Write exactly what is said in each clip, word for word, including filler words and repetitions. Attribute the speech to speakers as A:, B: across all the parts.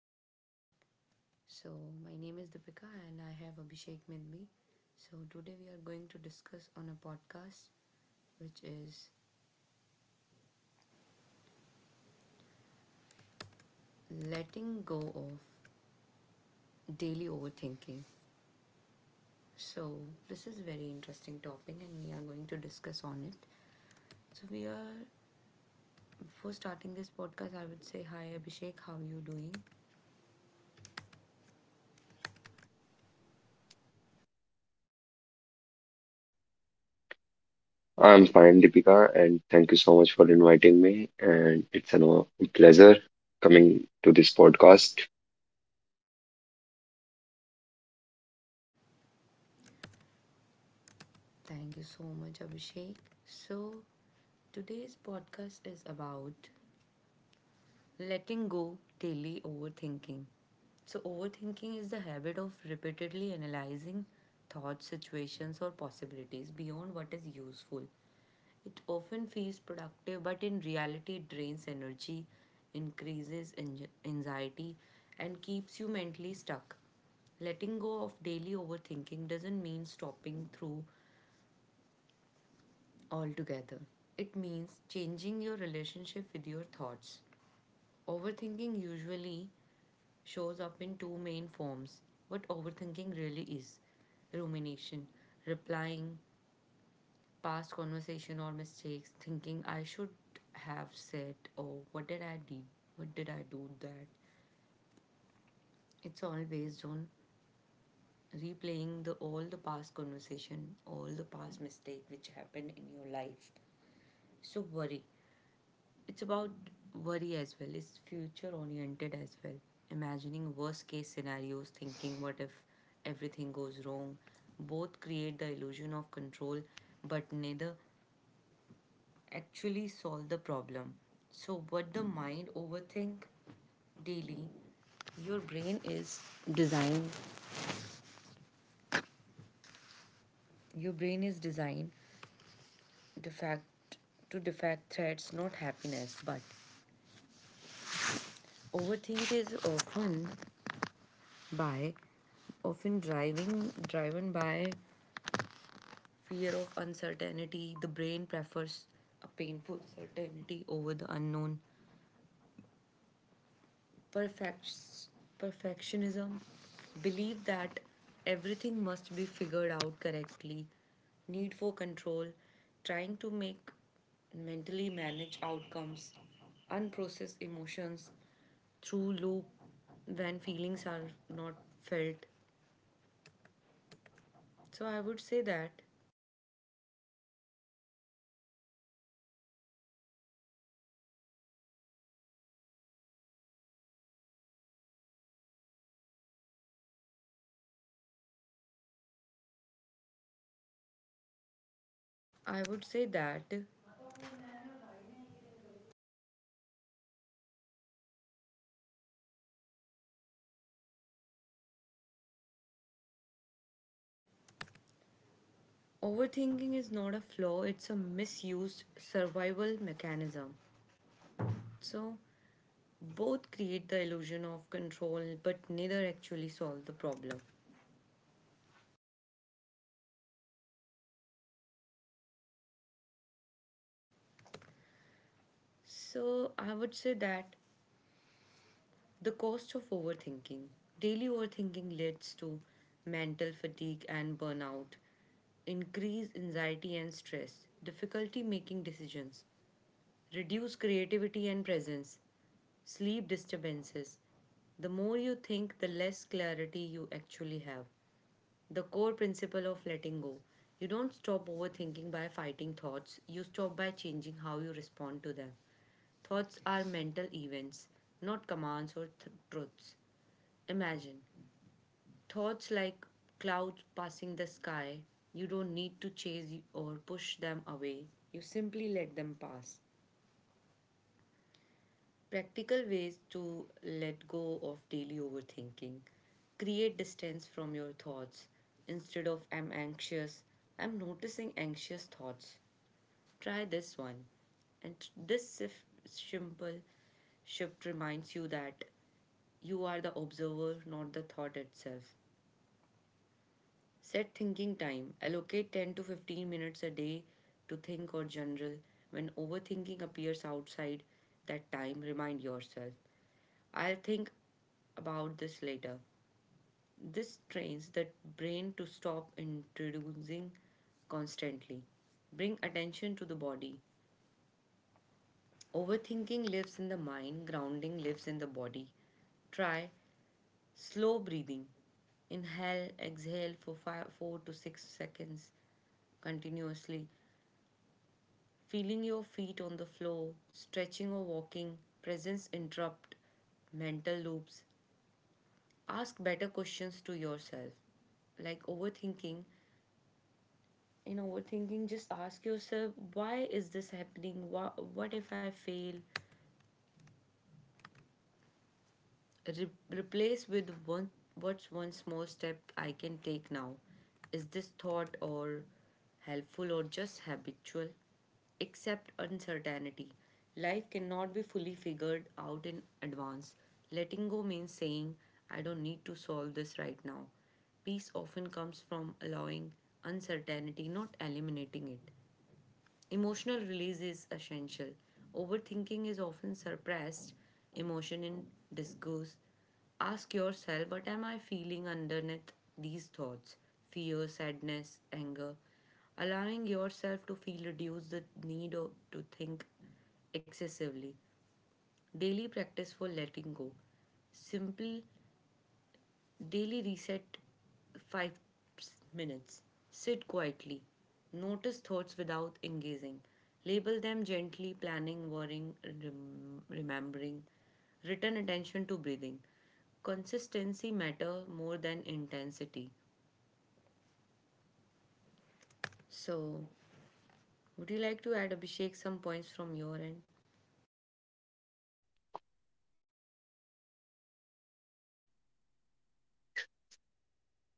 A: good morning. So, my name is Deepika and I have Abhishek with me. So, today we are going to discuss on a podcast which is letting go of daily overthinking. So, this is very interesting topic and we are going to discuss on it. So, we are Before starting this podcast, I would say hi Abhishek, how you doing?
B: I'm fine, Deepika, and thank you so much for inviting me. And it's an a no- pleasure coming to this podcast.
A: Thank you so much, Abhishek. So, today's podcast is about letting go daily overthinking. So, overthinking is the habit of repeatedly analyzing thoughts, situations, or possibilities beyond what is useful. It often feels productive, but in reality, it drains energy, increases anxi- anxiety, and keeps you mentally stuck. Letting go of daily overthinking doesn't mean stopping through altogether. It means changing your relationship with your thoughts. Overthinking usually shows up in two main forms. What overthinking really is: rumination, replying, past conversation or mistakes, thinking I should have said, or what did I do? What did I do that? It's all based on replaying the all the past conversation, all the past mistake which happened in your life. So worry It's about worry as well. It's future oriented as well. Imagining worst case scenarios, thinking what if everything goes wrong. Both create the illusion of control, but neither actually solve the problem. So, what the mind overthink daily, your brain is designed. Your brain is designed defect to defect threats, not happiness. But overthink is often by often driving driven by fear of uncertainty. The brain prefers a painful certainty over the unknown. Perfect, Perfectionism, believe that everything must be figured out correctly. Need for control, trying to make mentally manage outcomes, unprocessed emotions through loop when feelings are not felt. so i would say that I would say that overthinking is not a flaw, it's a misused survival mechanism. So, both create the illusion of control, but neither actually solve the problem. So, I would say that the cost of overthinking, daily overthinking, leads to mental fatigue and burnout, increased anxiety and stress, difficulty making decisions, reduce creativity and presence, sleep disturbances. The more you think, the less clarity you actually have. The core principle of letting go. You don't stop overthinking by fighting thoughts, you stop by changing how you respond to them. Thoughts are mental events, not commands or th- truths. Imagine thoughts like clouds passing the sky. You don't need to chase or push them away, you simply let them pass. Practical ways to let go of daily overthinking. Create distance from your thoughts. Instead of I'm anxious, I'm noticing anxious thoughts. Try this one. And this sif- simple shift reminds you that you are the observer, not the thought itself. Set thinking time. Allocate ten to fifteen minutes a day to think or journal. When overthinking appears outside that time, remind yourself I'll think about this later. This trains the brain to stop introducing constantly. Bring attention to the body. Overthinking lives in the mind, grounding lives in the body. Try slow breathing. Inhale, exhale for five, four to six seconds continuously. Feeling your feet on the floor, stretching or walking, presence interrupt mental loops. Ask better questions to yourself, like overthinking. In overthinking just ask yourself, why is this happening? What, what if I fail? Re- replace with one, what's one small step I can take now? Is this thought or helpful or just habitual? Accept uncertainty. Life cannot be fully figured out in advance. Letting go means saying, I don't need to solve this right now. Peace often comes from allowing uncertainty, not eliminating it. Emotional release is essential. Overthinking is often suppressed emotion in disgust. Ask yourself, what am I feeling underneath these thoughts? Fear, sadness, anger. Allowing yourself to feel reduces the need o- to think excessively. Daily practice for letting go. Simple daily reset, five minutes. Sit quietly. Notice thoughts without engaging. Label them gently, planning, worrying, rem- remembering. Return attention to breathing. Consistency matter more than intensity. So, would you like to add, Abhishek, some points from your end?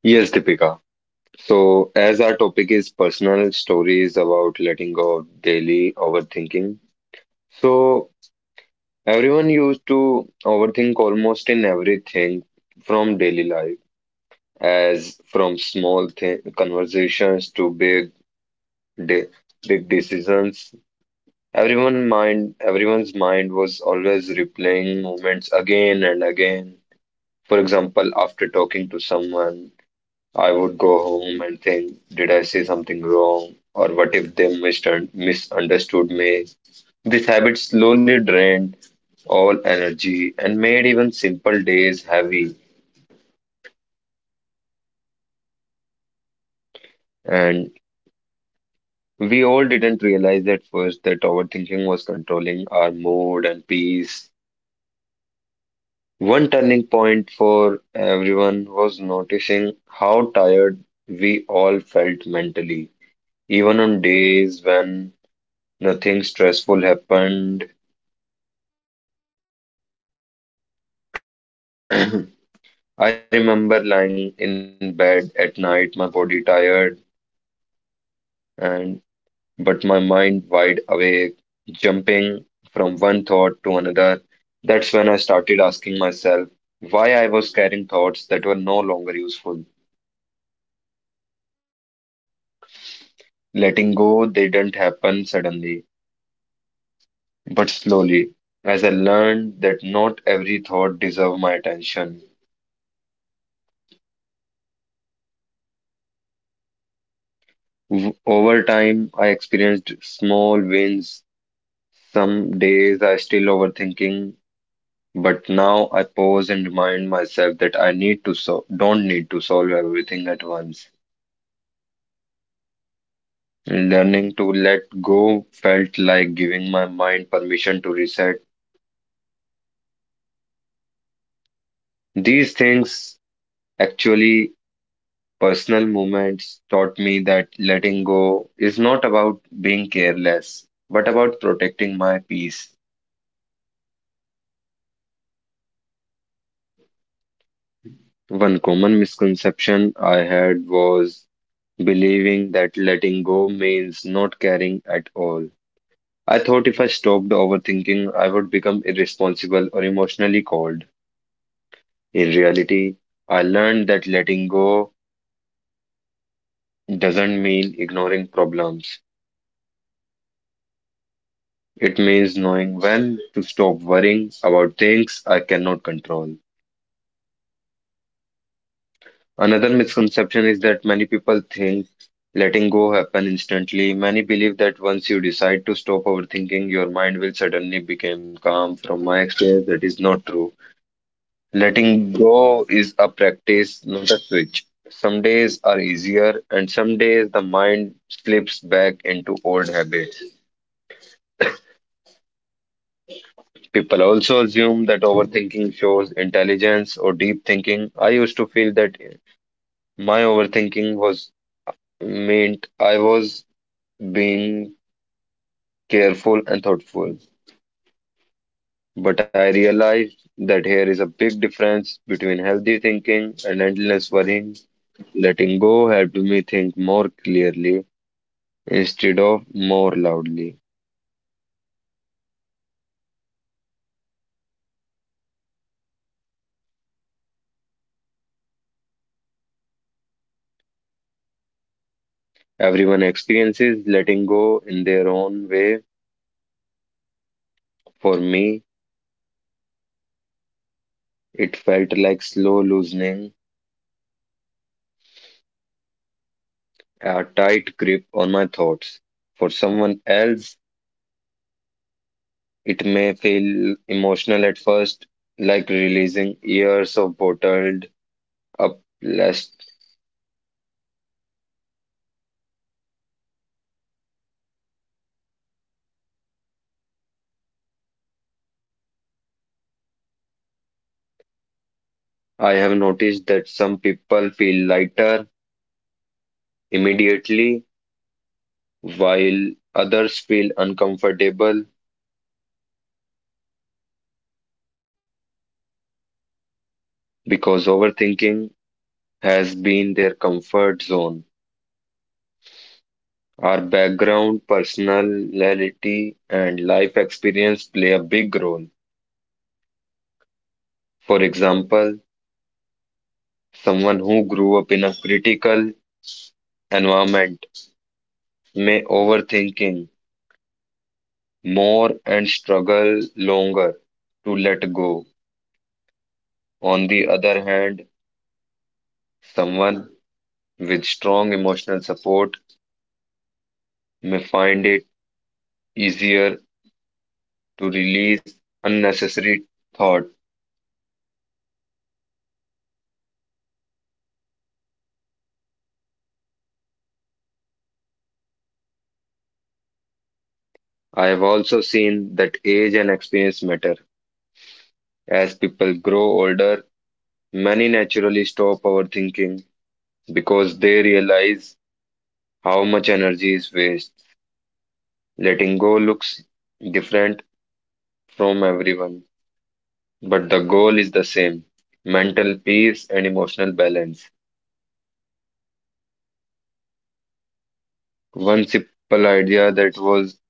B: Yes, Deepika. So, as our topic is personal stories about letting go of daily overthinking, so everyone used to overthink almost in everything from daily life, as from small th conversations to big, de big decisions. Everyone mind, everyone's mind was always replaying moments again and again. For example, after talking to someone, I would go home and think, did I say something wrong? Or what if they mistun- misunderstood me? This habit slowly drained all energy and made even simple days heavy. And we all didn't realize at first that overthinking was controlling our mood and peace. One turning point for everyone was noticing how tired we all felt mentally, even on days when nothing stressful happened. I remember lying in bed at night, my body tired and but my mind wide awake, jumping from one thought to another. That's when I started asking myself why I was carrying thoughts that were no longer useful. Letting go didn't happen suddenly. But slowly, as I learned that not every thought deserved my attention, w- over time I experienced small wins. Some days I still overthinking, but now I pause and remind myself that I need to so don't need to solve everything at once. Learning to let go felt like giving my mind permission to reset. These things actually Personal moments taught me that letting go is not about being careless, but about protecting my peace. One common misconception I had was believing that letting go means not caring at all. I thought if I stopped overthinking, I would become irresponsible or emotionally cold. In reality, I learned that letting go doesn't mean ignoring problems. It means knowing when to stop worrying about things I cannot control. Another misconception is that many people think letting go happen instantly. Many believe that once you decide to stop overthinking, your mind will suddenly become calm. From my experience, that is not true. Letting go is a practice, not a switch. Some days are easier, and some days the mind slips back into old habits. People also assume that overthinking shows intelligence or deep thinking. I used to feel that my overthinking was meant I was being careful and thoughtful. But I realized that here is a big difference between healthy thinking and endless worrying. Letting go helped me think more clearly instead of more loudly. Everyone experiences letting go in their own way. For me, it felt like slow loosening a tight grip on my thoughts. For someone else, it may feel emotional at first, like releasing years of bottled up less. I have noticed that some people feel lighter immediately, while others feel uncomfortable because overthinking has been their comfort zone. Our background, personality, and life experience play a big role. For example, someone who grew up in a critical environment may overthinking more and struggle longer to let go. On the other hand, someone with strong emotional support may find it easier to release unnecessary thought. I have also seen that age and experience matter. As people grow older, many naturally stop overthinking because they realize how much energy is wasted. Letting go looks different from everyone, but the goal is the same mental peace and emotional balance. One simple idea that was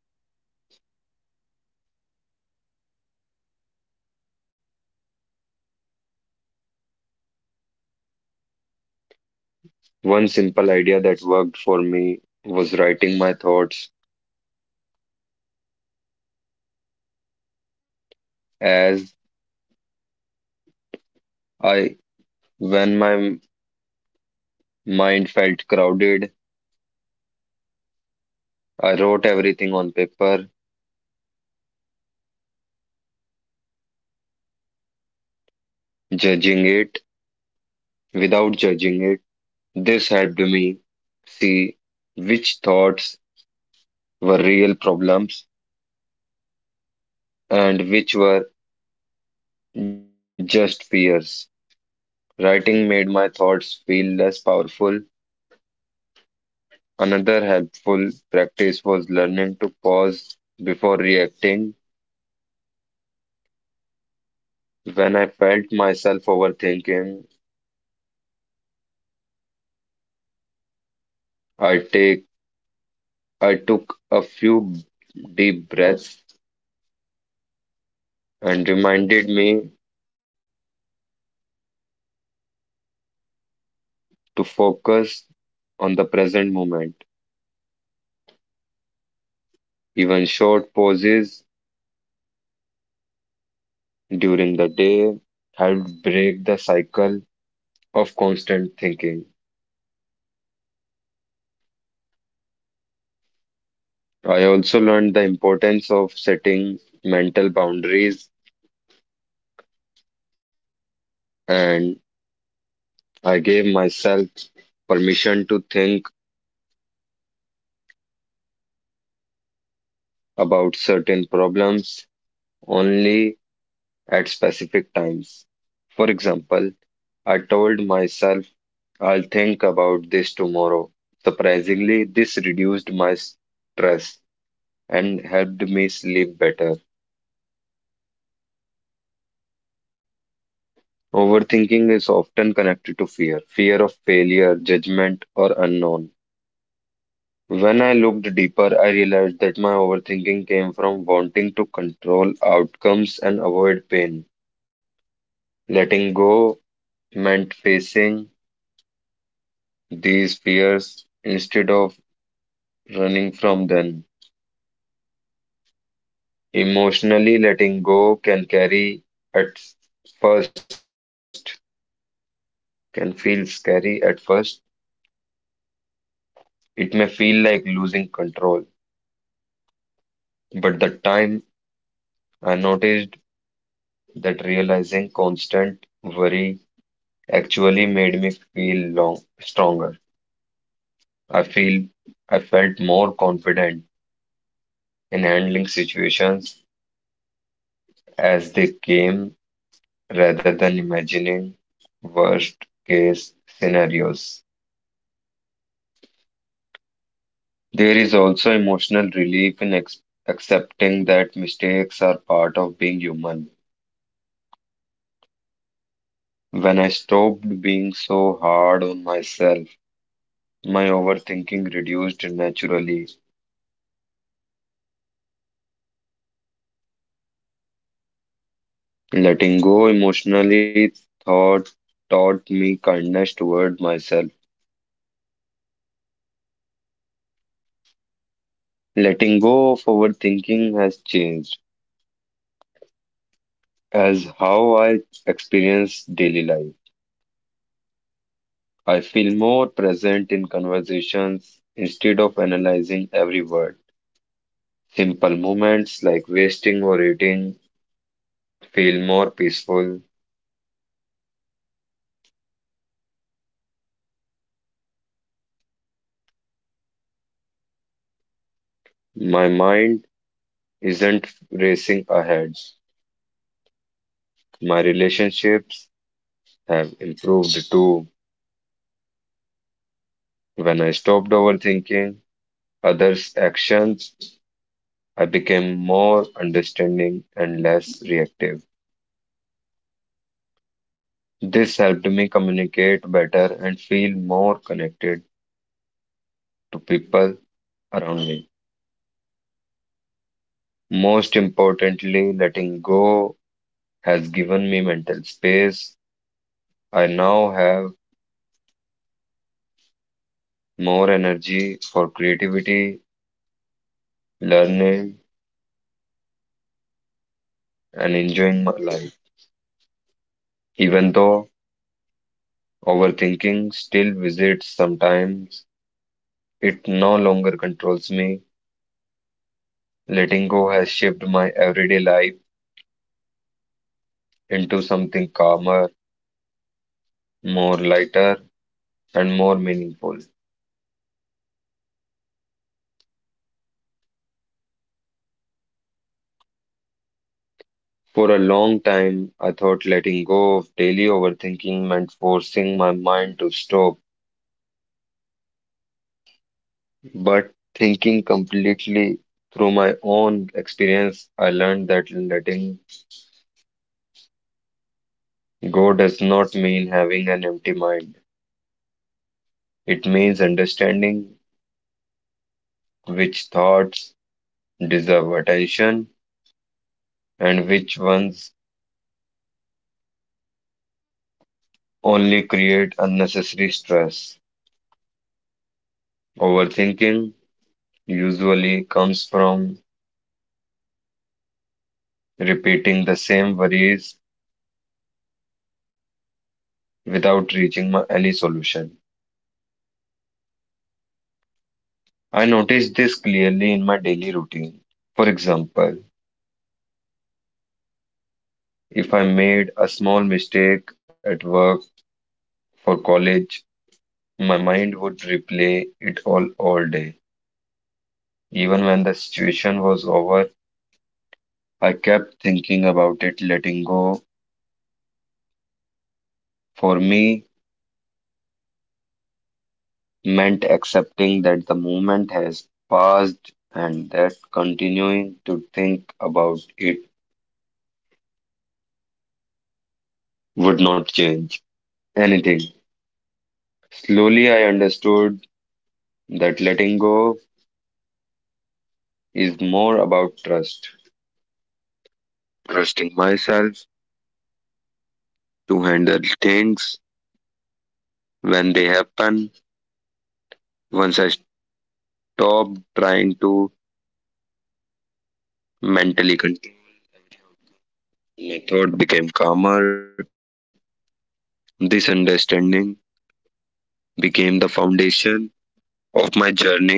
B: One simple idea that worked for me was writing my thoughts as I when my m- mind felt crowded, I wrote everything on paper, judging it without judging it. This helped me see which thoughts were real problems and which were just fears. Writing made my thoughts feel less powerful. Another helpful practice was learning to pause before reacting. When I felt myself overthinking, I take I took a few deep breaths and reminded me to focus on the present moment. Even short pauses during the day helped break the cycle of constant thinking. I also learned the importance of setting mental boundaries, and I gave myself permission to think about certain problems only at specific times. For example, I told myself I'll think about this tomorrow. Surprisingly, this reduced my stress and helped me sleep better. Overthinking is often connected to fear, fear of failure, judgment, or unknown. When I looked deeper, I realized that my overthinking came from wanting to control outcomes and avoid pain. Letting go meant facing these fears instead of running from them. Emotionally, letting go can carry at first, can feel scary at first. It may feel like losing control, but the time I noticed that realizing constant worry actually made me feel long, stronger. I feel I felt more confident in handling situations as they came rather than imagining worst case scenarios. There is also emotional relief in ex accepting that mistakes are part of being human. When I stopped being so hard on myself, my overthinking reduced naturally. Letting go emotionally thought taught me kindness toward myself. Letting go of overthinking has changed as how I experience daily life. I feel more present in conversations instead of analyzing every word. Simple moments like wasting or eating feel more peaceful. My mind isn't racing ahead. My relationships have improved too. When I stopped overthinking, others' actions, I became more understanding and less reactive. This helped me communicate better and feel more connected to people around me. Most importantly, letting go has given me mental space. I now have more energy for creativity, learning, and enjoying my life. Even though overthinking still visits sometimes, it no longer controls me. Letting go has shaped my everyday life into something calmer, more lighter, and more meaningful. For a long time, I thought letting go of daily overthinking meant forcing my mind to stop, but thinking completely through my own experience, I learned that letting go does not mean having an empty mind. It means understanding which thoughts deserve attention and which ones only create unnecessary stress. Overthinking usually comes from repeating the same worries without reaching my, any solution. I noticed this clearly in my daily routine. For example, if I made a small mistake at work for college, my mind would replay it all all day. Even when the situation was over, I kept thinking about it letting go. For me, meant accepting that the moment has passed and that continuing to think about it would not change anything. Slowly, I understood that letting go is more about trust, trusting myself to handle things when they happen. Once I stopped trying to mentally control, my thought became calmer. This understanding became the foundation of my journey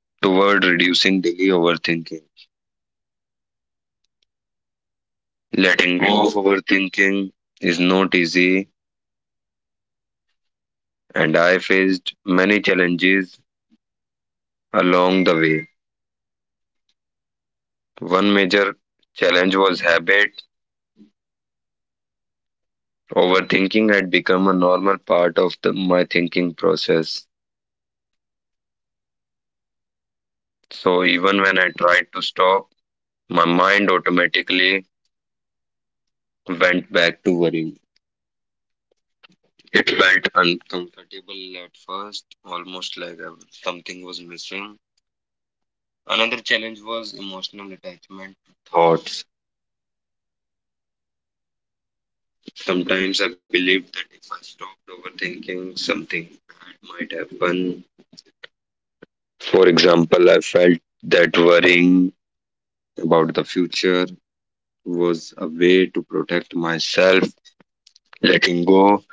B: toward reducing daily overthinking. Letting go of overthinking is not easy, and I faced many challenges along the way. One major challenge was habit. Overthinking had become a normal part of the, my thinking process. So even when I tried to stop, my mind automatically went back to worrying. It felt uncomfortable at first, almost like I- something was missing. Another challenge was emotional attachment to thoughts. Sometimes I believed that if I stopped overthinking, something might happen. For example, I felt that worrying about the future was a way to protect myself. Letting go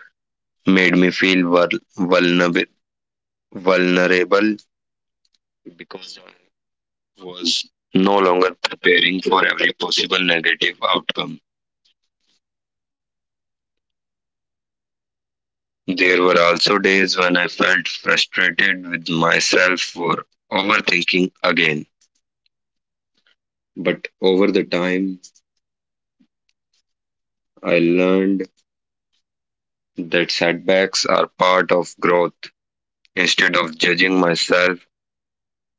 B: made me feel vul- vulnerable, vulnerable because I was no longer preparing for every possible negative outcome. There were also days when I felt frustrated with myself for overthinking again. But over the time, I learned that setbacks are part of growth. Instead of judging myself,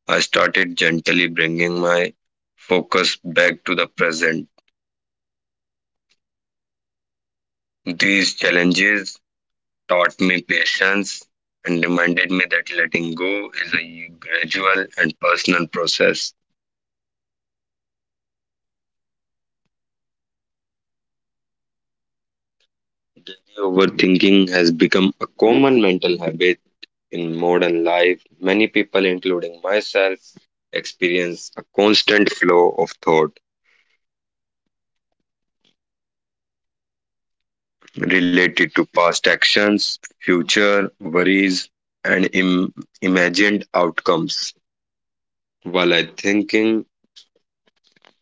B: I started gently bringing my focus back to the present. These challenges taught me patience and reminded me that letting go is a gradual and personal process. Overthinking has become a common mental habit. In modern life, many people, including myself, experience a constant flow of thought related to past actions, future worries, and Im- imagined outcomes. While I thinking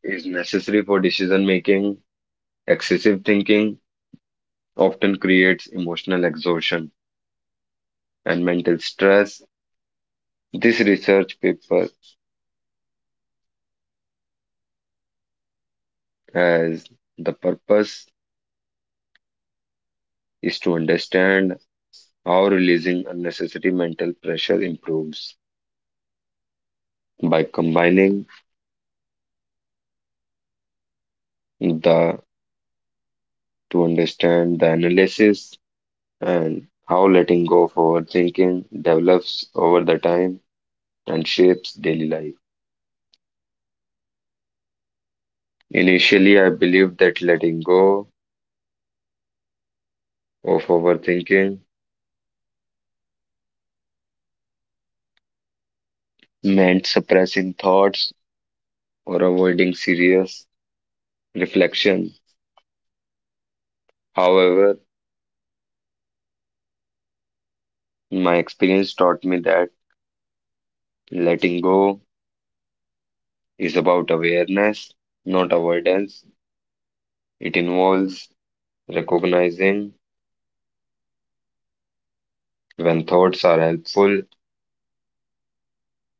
B: is necessary for decision making, excessive thinking often creates emotional exhaustion and mental stress. This research paper has the purpose is to understand how releasing unnecessary mental pressure improves by combining the to understand the analysis and how letting go of overthinking develops over the time and shapes daily life. Initially, I believed that letting go of overthinking meant suppressing thoughts or avoiding serious reflection. However, my experience taught me that letting go is about awareness, not avoidance. It involves recognizing when thoughts are helpful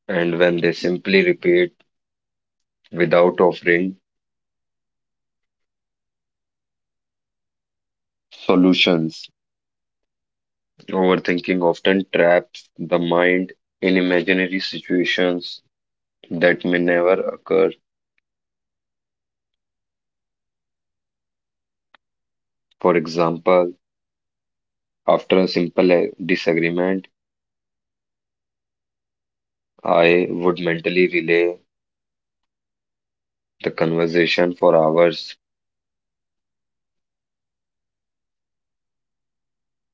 B: and when they simply repeat without offering solutions. Overthinking often traps the mind in imaginary situations that may never occur. For example, after a simple uh, disagreement, I would mentally relay the conversation for hours,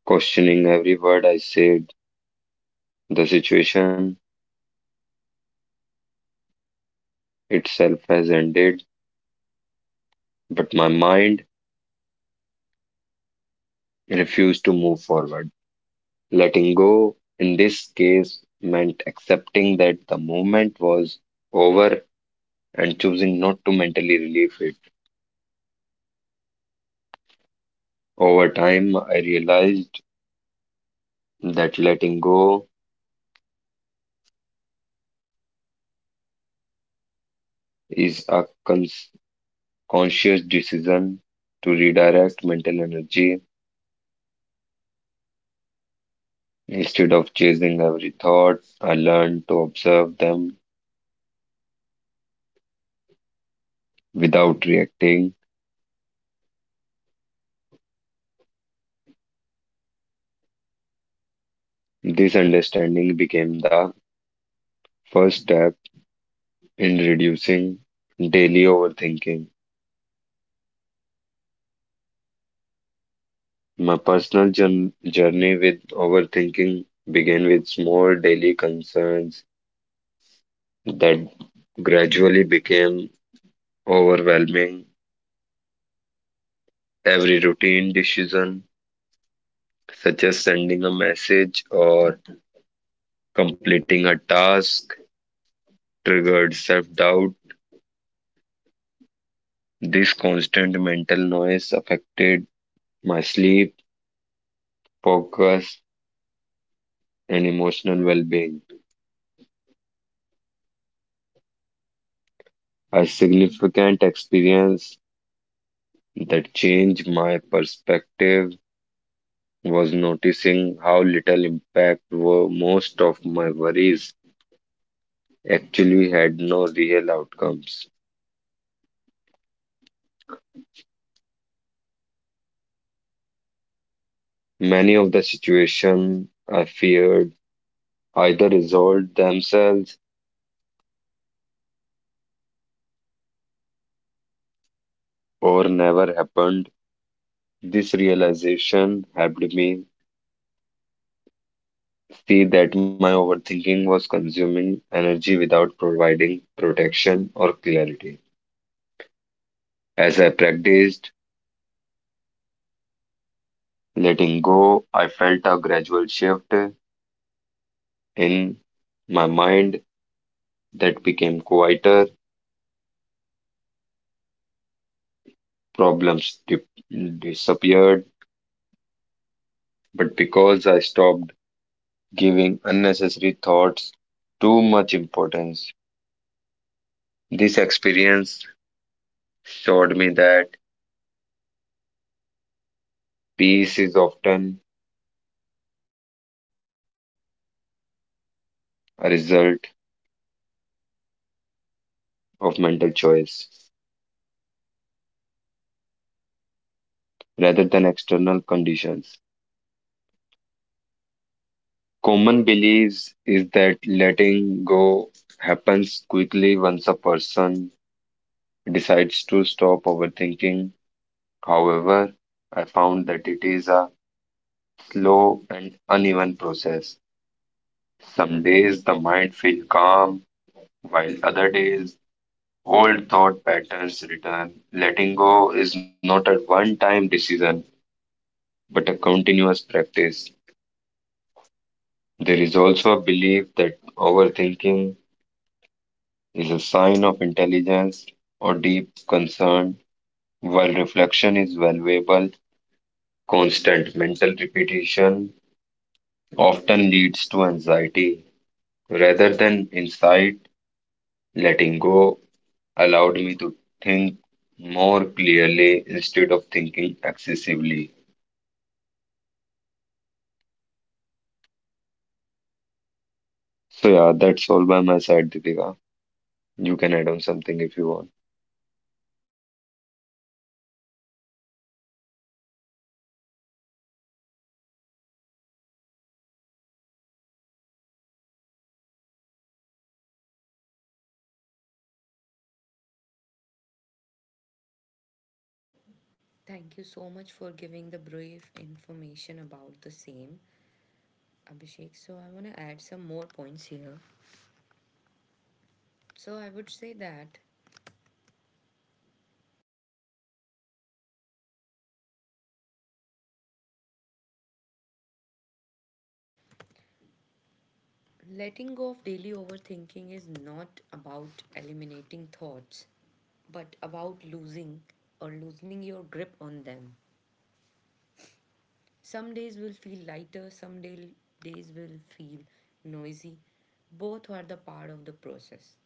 B: questioning every word I said. The situation itself has ended, but my mind refused to move forward. Letting go in this case meant accepting that the moment was over and choosing not to mentally relieve it. Over time, I realized that letting go is a cons- conscious decision to redirect mental energy. Instead of chasing every thought, I learned to observe them without reacting. This understanding became the first step in reducing daily overthinking. My personal jour- journey with overthinking began with small daily concerns that gradually became overwhelming. Every routine decision, such as sending a message or completing a task, triggered self doubt. This constant mental noise affected my sleep, focus, and emotional well being. A significant experience the change my perspective was noticing how little impact were most of my worries actually had no real outcomes. Many of the situation I feared either resolved themselves or never happened. This realization helped me see that my overthinking was consuming energy without providing protection or clarity. As I practiced letting go, I felt a gradual shift in my mind, that became quieter, problems di- disappeared, but because I stopped giving unnecessary thoughts too much importance. This experience showed me that peace is often a result of mental choice rather than external conditions. Common beliefs is that letting go happens quickly once a person decides to stop overthinking. However, I found that it is a slow and uneven process. Some days the mind feels calm, while other days old thought patterns return. Letting go is not a one time decision, but a continuous practice. There is also a belief that overthinking is a sign of intelligence or deep concern, while reflection is valuable. Constant mental repetition often leads to anxiety rather than insight. Letting go allowed me to think more clearly instead of thinking excessively. So yeah, that's all by my side, Deepika. You can add on something if you want.
A: Thank you so much for giving the brief information about the same, Abhishek. So, I want to add some more points here. So, I would say that letting go of daily overthinking is not about eliminating thoughts, but about losing or loosening your grip on them. Some days will feel lighter, some day, days will feel noisy. Both are the part of the process.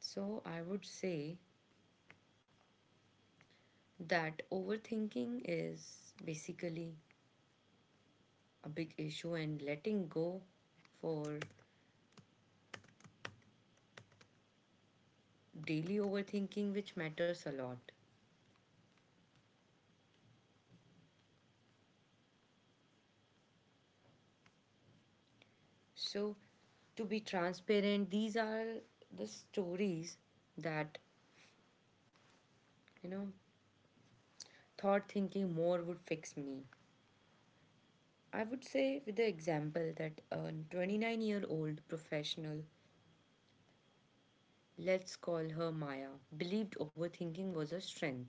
A: So I would say that overthinking is basically a big issue, and letting go for daily overthinking, which matters a lot. So, to be transparent, these are the stories that, you know, thought thinking more would fix me. I would say, with the example, that a twenty-nine year old professional, let's call her Maya, believed overthinking was a strength.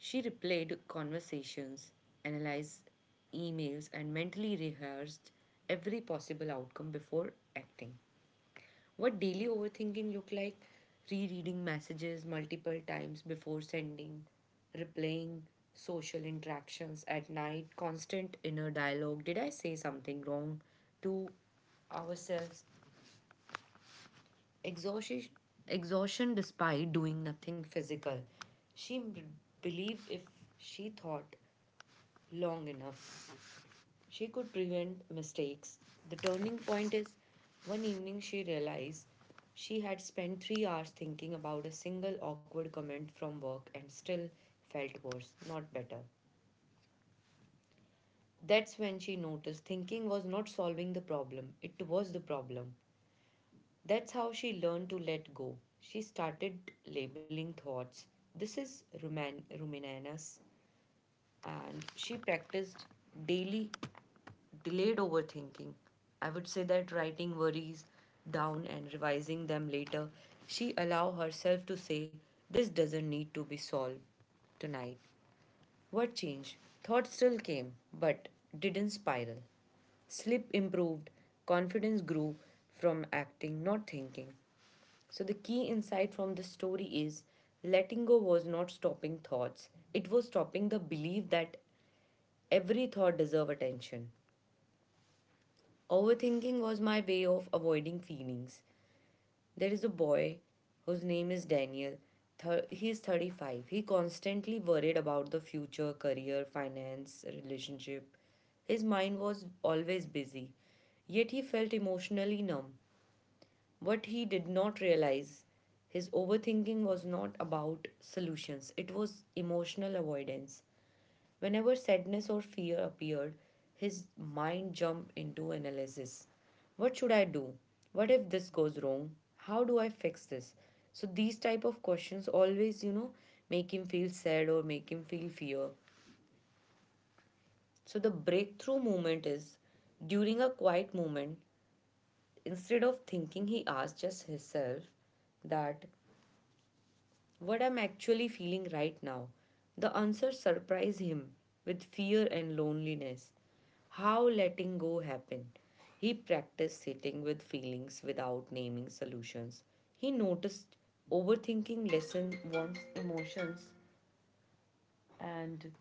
A: She replayed conversations, analyzed emails, and mentally rehearsed every possible outcome before acting. What daily overthinking look like? Rereading messages multiple times before sending, replaying social interactions at night, constant inner dialogue. Did I say something wrong to ourselves? Exhaustion, Exhaustion despite doing nothing physical. She m- believed if she thought long enough, she could prevent mistakes. The turning point is, one evening she realized she had spent three hours thinking about a single awkward comment from work and still felt worse, not better. That's when she noticed thinking was not solving the problem, it was the problem. That's how she learned to let go. She started labeling thoughts. This is ruman- ruminanus, and she practiced daily delayed overthinking. I would say that writing worries down and revising them later. She allow herself to say, this doesn't need to be solved tonight. What changed? Thoughts still came, but didn't spiral. Sleep improved, confidence grew from acting, not thinking. So, the key insight from this story is letting go was not stopping thoughts, it was stopping the belief that every thought deserve attention. Overthinking was my way of avoiding feelings. There is a boy whose name is Daniel. Thir- he is thirty-five. He constantly worried about the future, career, finance, relationship. His mind was always busy, yet he felt emotionally numb. What he did not realize, his overthinking was not about solutions, it was emotional avoidance. Whenever sadness or fear appeared, his mind jumped into analysis. What should I do? What if this goes wrong? How do I fix this? So these type of questions always, you know, make him feel sad or make him feel fear. So the breakthrough moment is, during a quiet moment, instead of thinking, he asked just himself that what I'm actually feeling right now. The answer surprised him with fear and loneliness. How letting go happened. He practiced sitting with feelings without naming solutions. He noticed overthinking lessened one's emotions and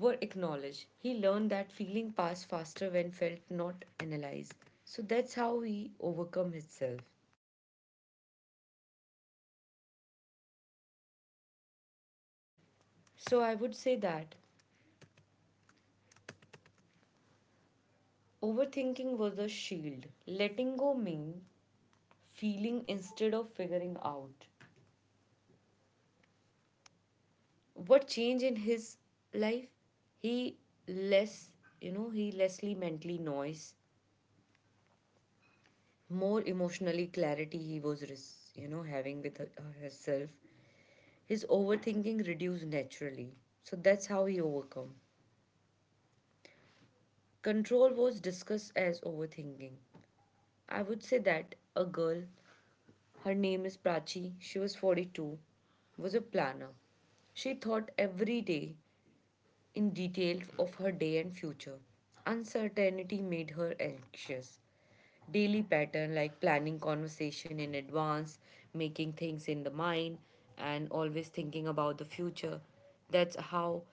A: were acknowledged. He learned that feeling passed faster when felt not analyzed. So that's how he overcome himself. So I would say that overthinking was a shield. Letting go means feeling instead of figuring out what changed in his life. He less, you know, he lessly mentally noise, more emotionally clarity. He was res- you know, having with her- herself. His overthinking reduced naturally, so that's how he overcome. Control was discussed as overthinking. I would say that a girl, her name is Prachi, she was forty-two, was a planner. She thought every day in detail of her day and future. Uncertainty made her anxious. Daily pattern like planning conversation in advance, making things in the mind, and always thinking about the future. That's how,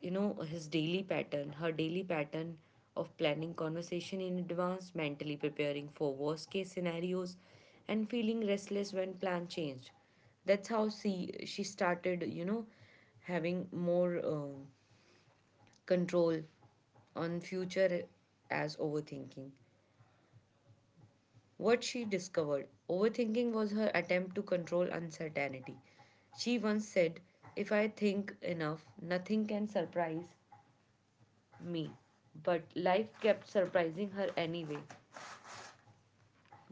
A: you know, his daily pattern, her daily pattern of planning conversation in advance, mentally preparing for worst case scenarios, and feeling restless when plan changed. That's how she she started, you know, having more um, control on future as overthinking. What she discovered, overthinking was her attempt to control uncertainty. She once said, if I think enough, nothing can surprise me. But life kept surprising her anyway.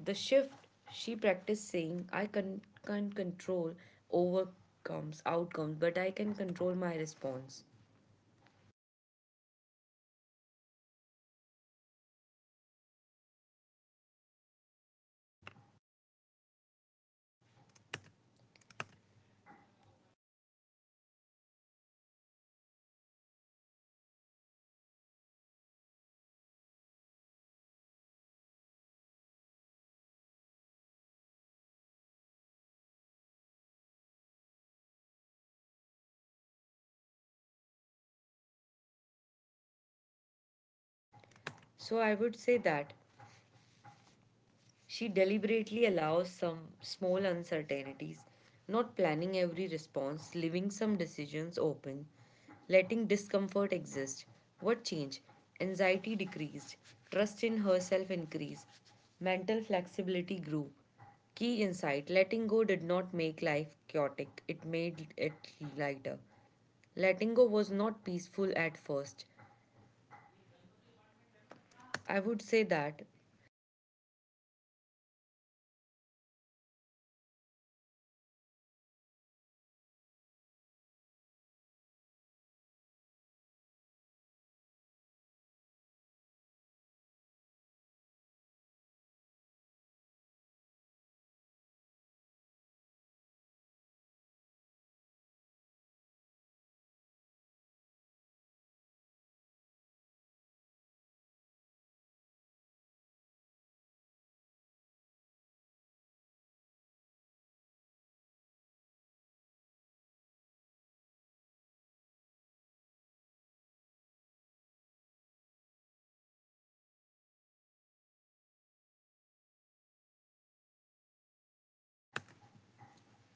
A: The shift, she practiced saying, I can, can't control overcomes, outcomes, but I can control my response. So I would say that she deliberately allows some small uncertainties, not planning every response, leaving some decisions open, letting discomfort exist. What change? Anxiety decreased, trust in herself increased, mental flexibility grew. Key insight, letting go did not make life chaotic, it made it lighter. Letting go was not peaceful at first. I would say that.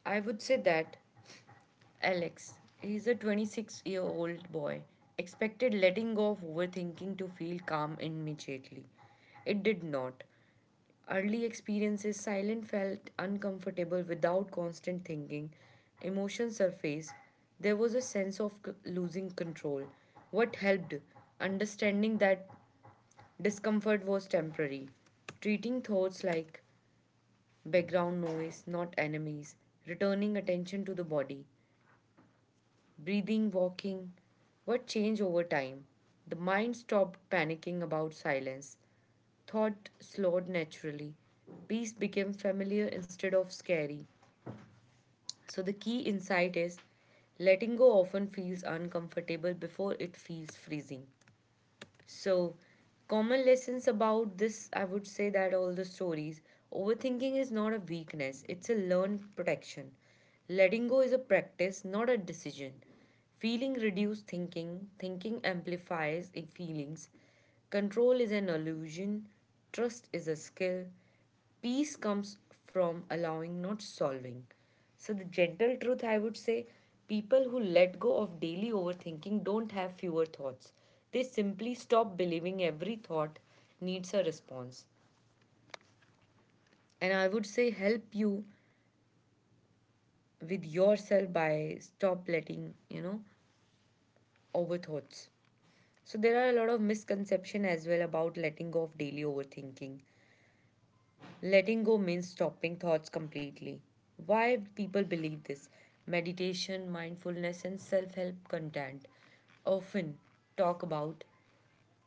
A: I would say that Alex, he's a twenty-six year old boy, expected letting go of overthinking to feel calm immediately. It did not. Early experiences, silent felt uncomfortable without constant thinking. Emotions surfaced. There was a sense of c- losing control. What helped? Understanding that discomfort was temporary. Treating thoughts like background noise, not enemies. Returning attention to the body, breathing, walking. What changed over time? The mind stopped panicking about silence. Thought slowed naturally. Peace became familiar instead of scary. So, the key insight is letting go often feels uncomfortable before it feels freezing. So, common lessons about this, I would say that all the stories. Overthinking is not a weakness, it's a learned protection. Letting go is a practice, not a decision. Feeling reduces thinking, thinking amplifies i- feelings. Control is an illusion, trust is a skill, peace comes from allowing, not solving. So, the gentle truth, I would say, people who let go of daily overthinking don't have fewer thoughts. They simply stop believing every thought needs a response. And I would say help you with yourself by stop letting, you know, overthoughts. So, there are a lot of misconception as well about letting go of daily overthinking. Letting go means stopping thoughts completely. Why people believe this? Meditation, mindfulness, and self help content often talk about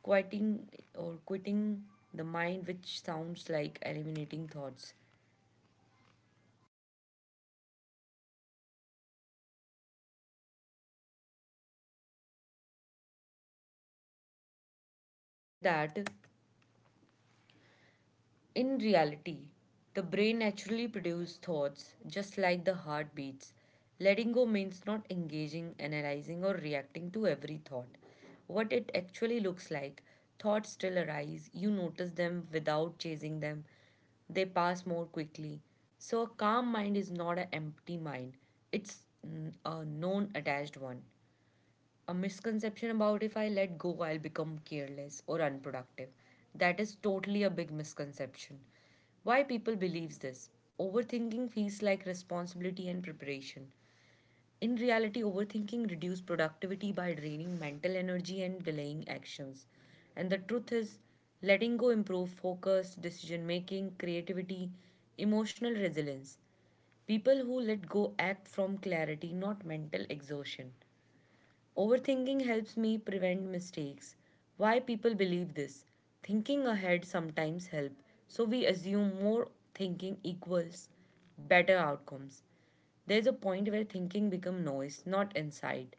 A: quieting or quitting the mind, which sounds like eliminating thoughts. Say that in reality, the brain naturally produces thoughts just like the heart beats. Letting go means not engaging, analyzing, or reacting to every thought. What it actually looks like, thoughts still arise, you notice them without chasing them, they pass more quickly. So, a calm mind is not an empty mind, it's mm, a non attached one, a misconception about if I let go, I'll become careless or unproductive. That is totally a big misconception. Why people believes this? Overthinking feels like responsibility and preparation. In reality, overthinking reduces productivity by draining mental energy and delaying actions. And the truth is, letting go improves focus, decision making, creativity, emotional resilience. People who let go act from clarity, not mental exhaustion. Overthinking helps me prevent mistakes. Why people believe this? Thinking ahead sometimes help. So we assume more thinking equals better outcomes. There's a point where thinking become noise, not insight.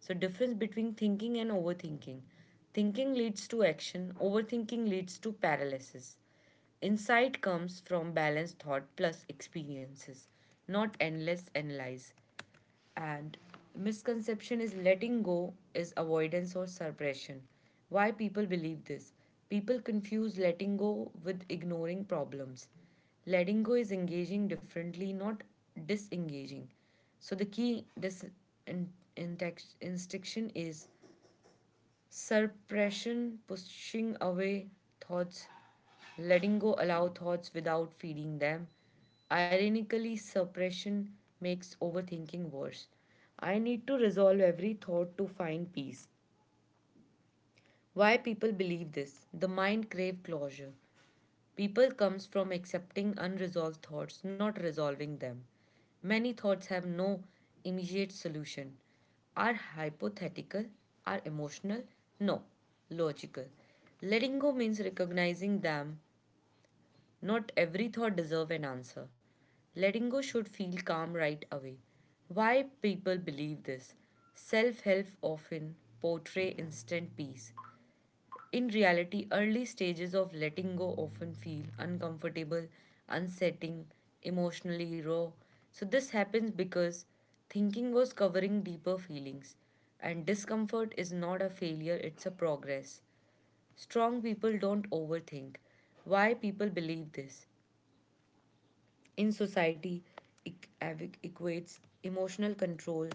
A: So difference between thinking and overthinking. Thinking leads to action, overthinking leads to paralysis. Insight comes from balanced thought plus experiences, not endless analyze. And misconception is letting go is avoidance or suppression. Why people believe this? People confuse letting go with ignoring problems. Letting go is engaging differently, not disengaging. So the key dis- in- intex- instruction is suppression, pushing away thoughts, letting go allow thoughts without feeding them. Ironically, suppression makes overthinking worse. I need to resolve every thought to find peace. Why people believe this? The mind crave closure. People comes from accepting unresolved thoughts, not resolving them. Many thoughts have no immediate solution. Are hypothetical, are emotional? No, logical. Letting go means recognizing them. Not every thought deserve an answer. Letting go should feel calm right away. Why people believe this? Self help often portray instant peace. In reality, early stages of letting go often feel uncomfortable, unsettling, emotionally raw. So, this happens because thinking was covering deeper feelings, and discomfort is not a failure, it's a progress. Strong people don't overthink. Why people believe this? In society, it equates emotional control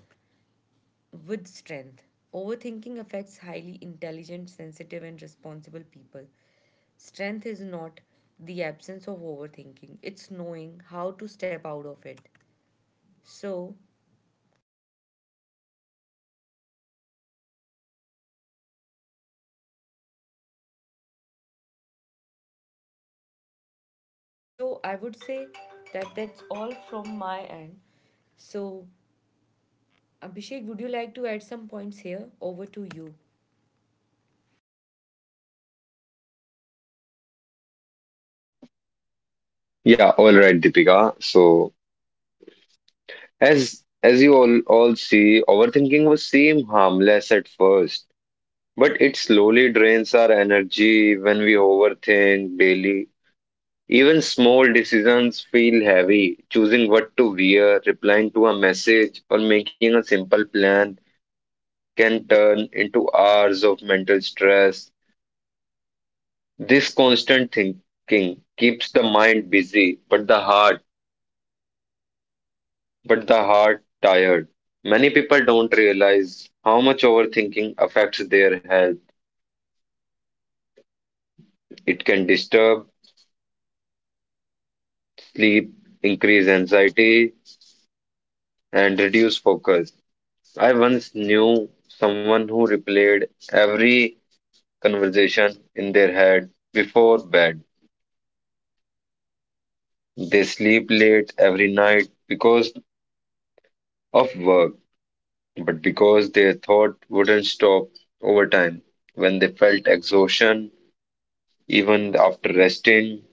A: with strength. Overthinking affects highly intelligent, sensitive, and responsible people. Strength is not the absence of overthinking, it's knowing how to step out of it. So, so I would say that that's all from my end. So, Abhishek, would you like to add some points here? Over to you.
B: Yeah, all right, Deepika. So as as you all all see, overthinking will seem harmless at first, but it slowly drains our energy when we overthink daily. Even small decisions feel heavy. Choosing what to wear, replying to a message, or making a simple plan can turn into hours of mental stress. This constant thinking keeps the mind busy, but the heart, but the heart tired. Many people don't realize how much overthinking affects their health. It can disturb sleep, increase anxiety, and reduce focus. I once knew someone who replayed every conversation in their head before bed. They sleep late every night because of work, but because their thought wouldn't stop over time. When they felt exhaustion, even after resting,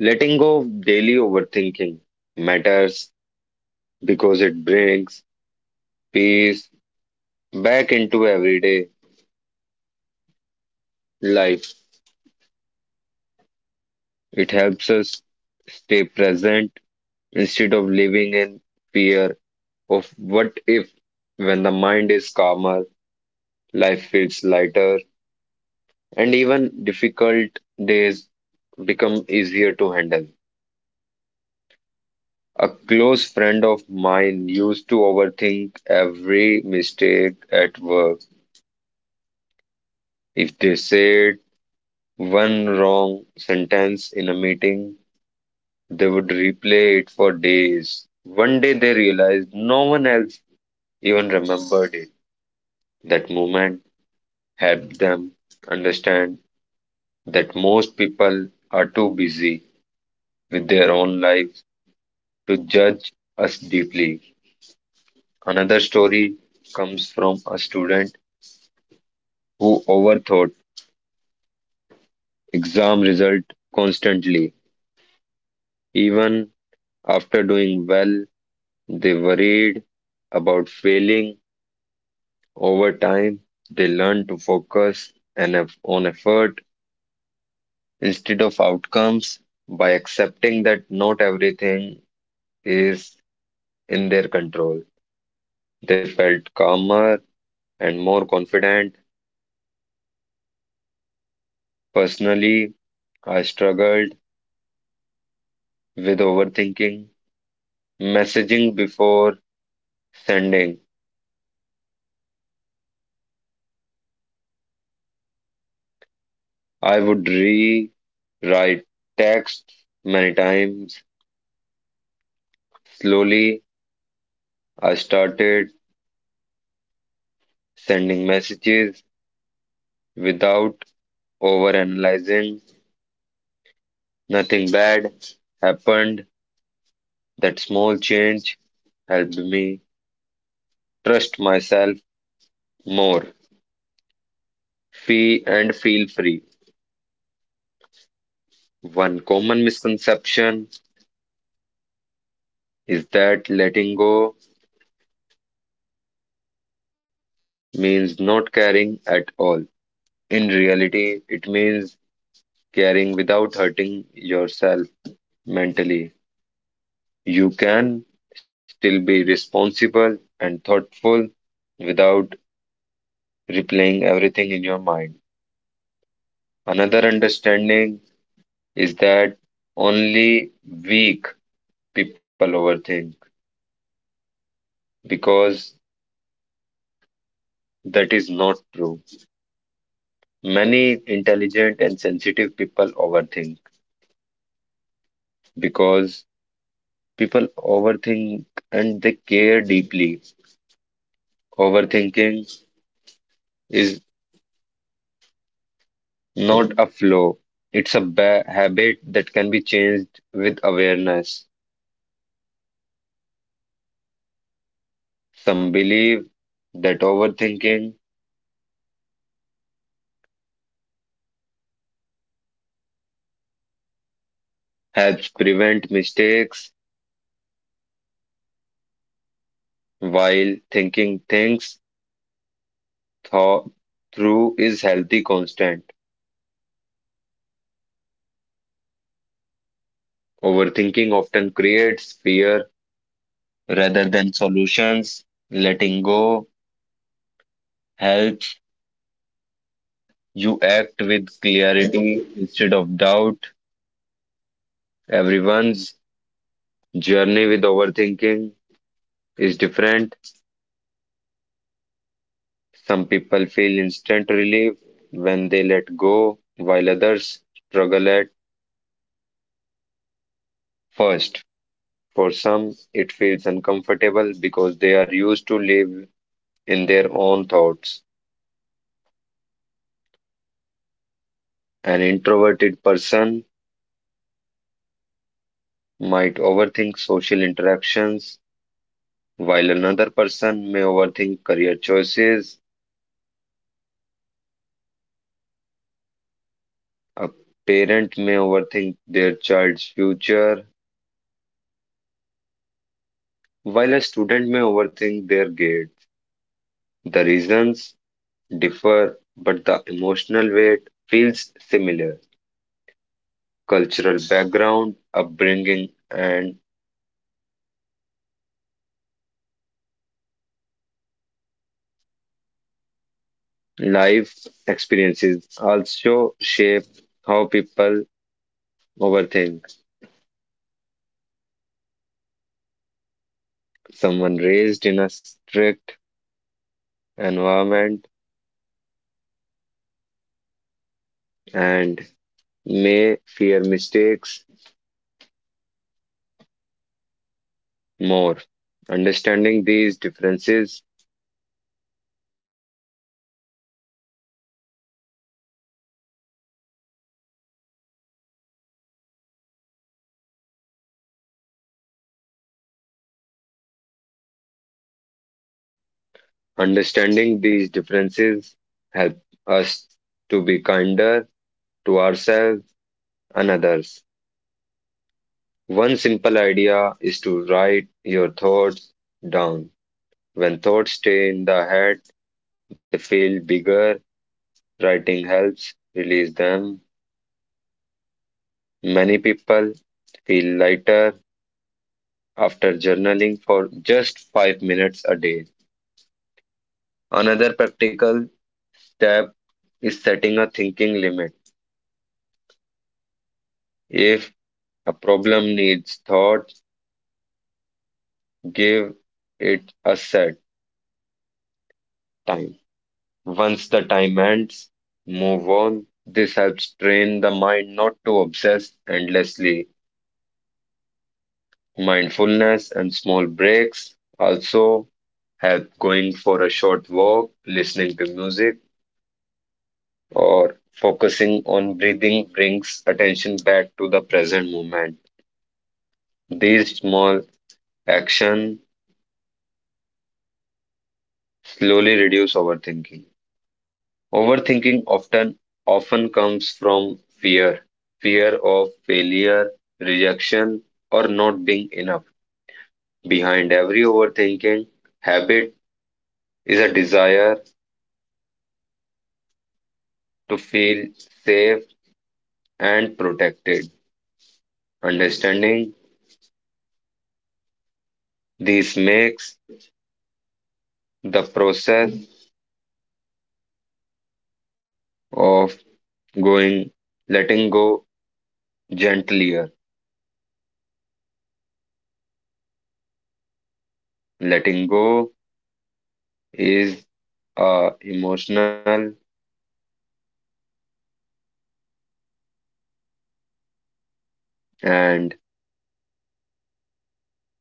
B: letting go of daily overthinking matters because it brings peace back into everyday life. It helps us stay present instead of living in fear of what if when the mind is calmer, life feels lighter, and even difficult days become easier to handle. A close friend of mine used to overthink every mistake at work. If they said one wrong sentence in a meeting, they would replay it for days. One day they realized no one else even remembered it. That moment helped them understand that most people are too busy with their own lives to judge us deeply. Another story comes from a student who overthought exam result constantly. Even after doing well, they worried about failing. Over time, they learned to focus and eff- on effort instead of outcomes by accepting that not everything is in their control. They felt calmer and more confident. Personally, I struggled with overthinking, messaging before sending. I would rewrite texts many times. Slowly, I started sending messages without overanalyzing. Nothing bad happened. That small change helped me trust myself more. Fee and feel free. One common misconception is that letting go means not caring at all. In reality, it means caring without hurting yourself mentally. You can still be responsible and thoughtful without replaying everything in your mind. Another understanding is that only weak people overthink because that is not true. Many intelligent and sensitive people overthink because people overthink and they care deeply. Overthinking is not a flaw, it's a ba habit that can be changed with awareness. Some believe that overthinking helps prevent mistakes, while thinking things thought through is healthy constant. Overthinking often creates fear rather than solutions. Letting go helps you act with clarity instead of doubt. Everyone's journey with overthinking is different. Some people feel instant relief when they let go, while others struggle at first. For some, it feels uncomfortable because they are used to live in their own thoughts. An introverted person might overthink social interactions, while another person may overthink career choices. A parent may overthink their child's future, while a student may overthink their grades. The reasons differ, but the emotional weight feels similar. Cultural background, upbringing, and life experiences also shape how people overthink. Someone raised in a strict environment and may fear mistakes more. Understanding these differences Understanding these differences help us to be kinder to ourselves and others. One simple idea is to write your thoughts down. When thoughts stay in the head, they feel bigger. Writing helps release them. Many people feel lighter after journaling for just five minutes a day. Another practical step is setting a thinking limit. If a problem needs thought, give it a set time. Once the time ends, move on. This helps train the mind not to obsess endlessly. Mindfulness and small breaks also help going for a short walk, listening to music, or focusing on breathing brings attention back to the present moment. These small actions slowly reduce overthinking. Overthinking often often comes from fear, fear of failure, rejection, or not being enough. Behind every overthinking habit is a desire to feel safe and protected. Understanding this makes the process of going, letting go gentler. Letting go is uh, emotional and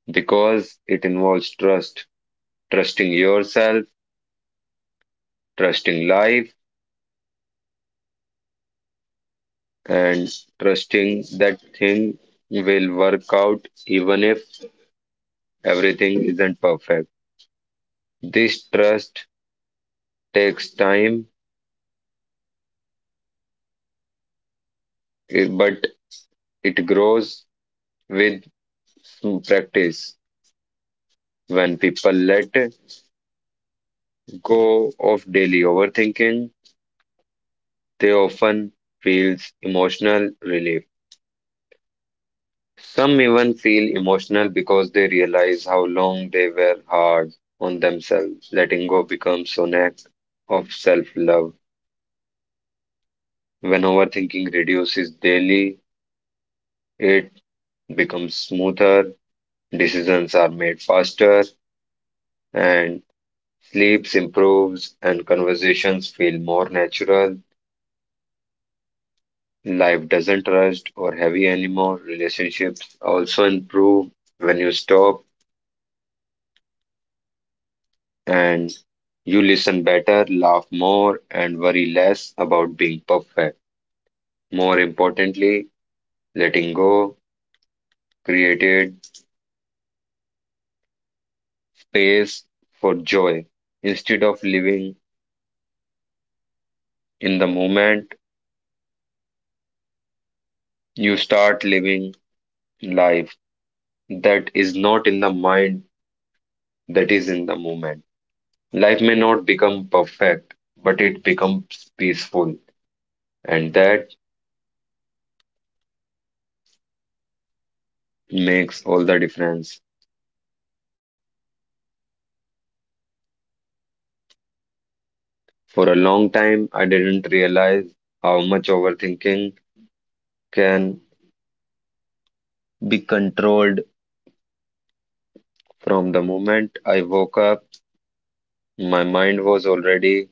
B: because it involves trust trusting yourself, trusting life, and trusting that thing will work out even if everything isn't perfect. This trust takes time, eh, but it grows with practice. When people let go of daily overthinking, they often feel emotional relief. Some even feel emotional because they realize how long they were hard on themselves. Letting go becomes an act of self love. When overthinking reduces daily, it becomes smoother, decisions are made faster, and sleeps improves, and conversations feel more natural. Life doesn't rush or heavy anymore. Relationships also improve when you stop and you listen better, laugh more, and worry less about being perfect. More importantly, letting go created space for joy. Instead of living in the moment, you start living life that is not in the mind, that is in the moment. Life may not become perfect, but it becomes peaceful, and that makes all the difference. For a long time, I didn't realize how much overthinking can be controlled from the moment I woke up. My mind was already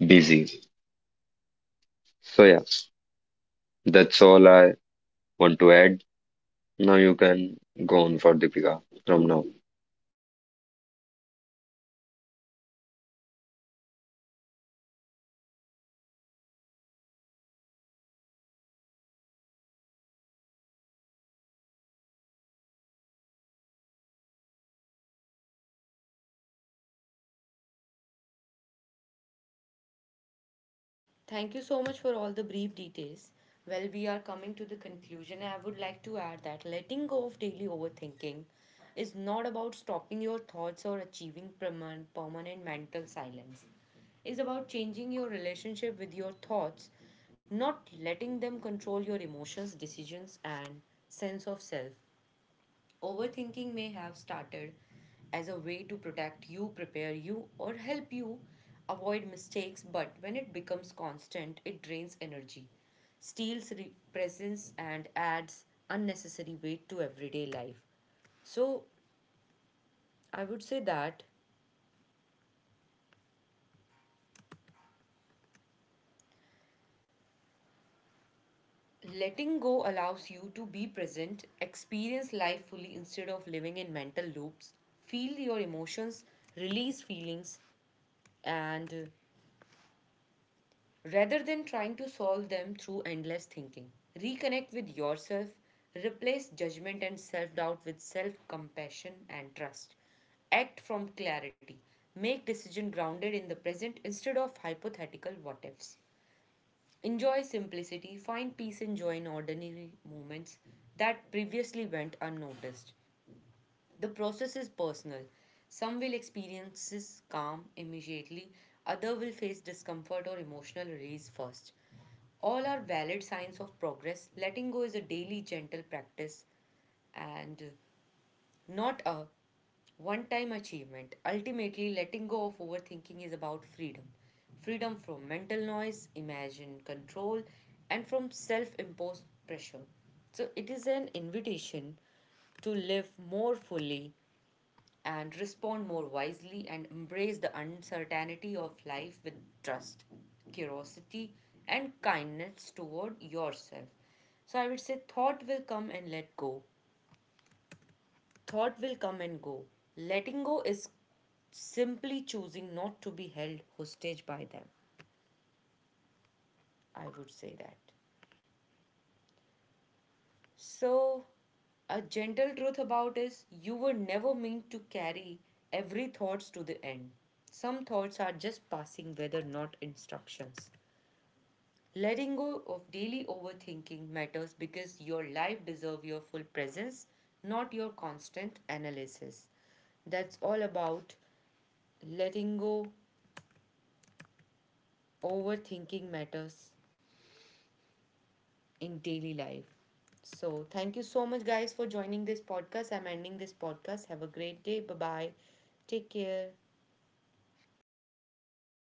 B: busy. So, yeah, that's all I want to add. Now you can go on for Deepika from now.
A: Thank you so much for all the brief details. Well, we are coming to the conclusion. I would like to add that letting go of daily overthinking is not about stopping your thoughts or achieving perman- permanent mental silence. It's about changing your relationship with your thoughts, not letting them control your emotions, decisions, and sense of self. Overthinking may have started as a way to protect you, prepare you, or help you avoid mistakes, but when it becomes constant, it drains energy, steals re- presence, and adds unnecessary weight to everyday life. So, I would say that letting go allows you to be present, experience life fully instead of living in mental loops, feel your emotions, release feelings, and rather than trying to solve them through endless thinking. Reconnect with yourself, replace judgment and self doubt with self compassion and trust. Act from clarity, make decision grounded in the present instead of hypothetical what ifs. Enjoy simplicity, find peace and joy in ordinary moments that previously went unnoticed. The process is personal. Some will experience this calm immediately, others will face discomfort or emotional release first. All are valid signs of progress. Letting go is a daily gentle practice and not a one time achievement. Ultimately, letting go of overthinking is about freedom, freedom from mental noise, imagined control, and from self imposed pressure. So, it is an invitation to live more fully and respond more wisely and embrace the uncertainty of life with trust, curiosity, and kindness toward yourself. So I would say thought will come and let go. Thought will come and go. Letting go is simply choosing not to be held hostage by them. I would say that. So, a gentle truth about is you were never meant to carry every thoughts to the end. Some thoughts are just passing whether not instructions. Letting go of daily overthinking matters because your life deserves your full presence, not your constant analysis. That's all about letting go overthinking matters. In daily life. So, thank you so much, guys, for joining this podcast. I'm ending this podcast. Have a great day. Bye bye. Take care.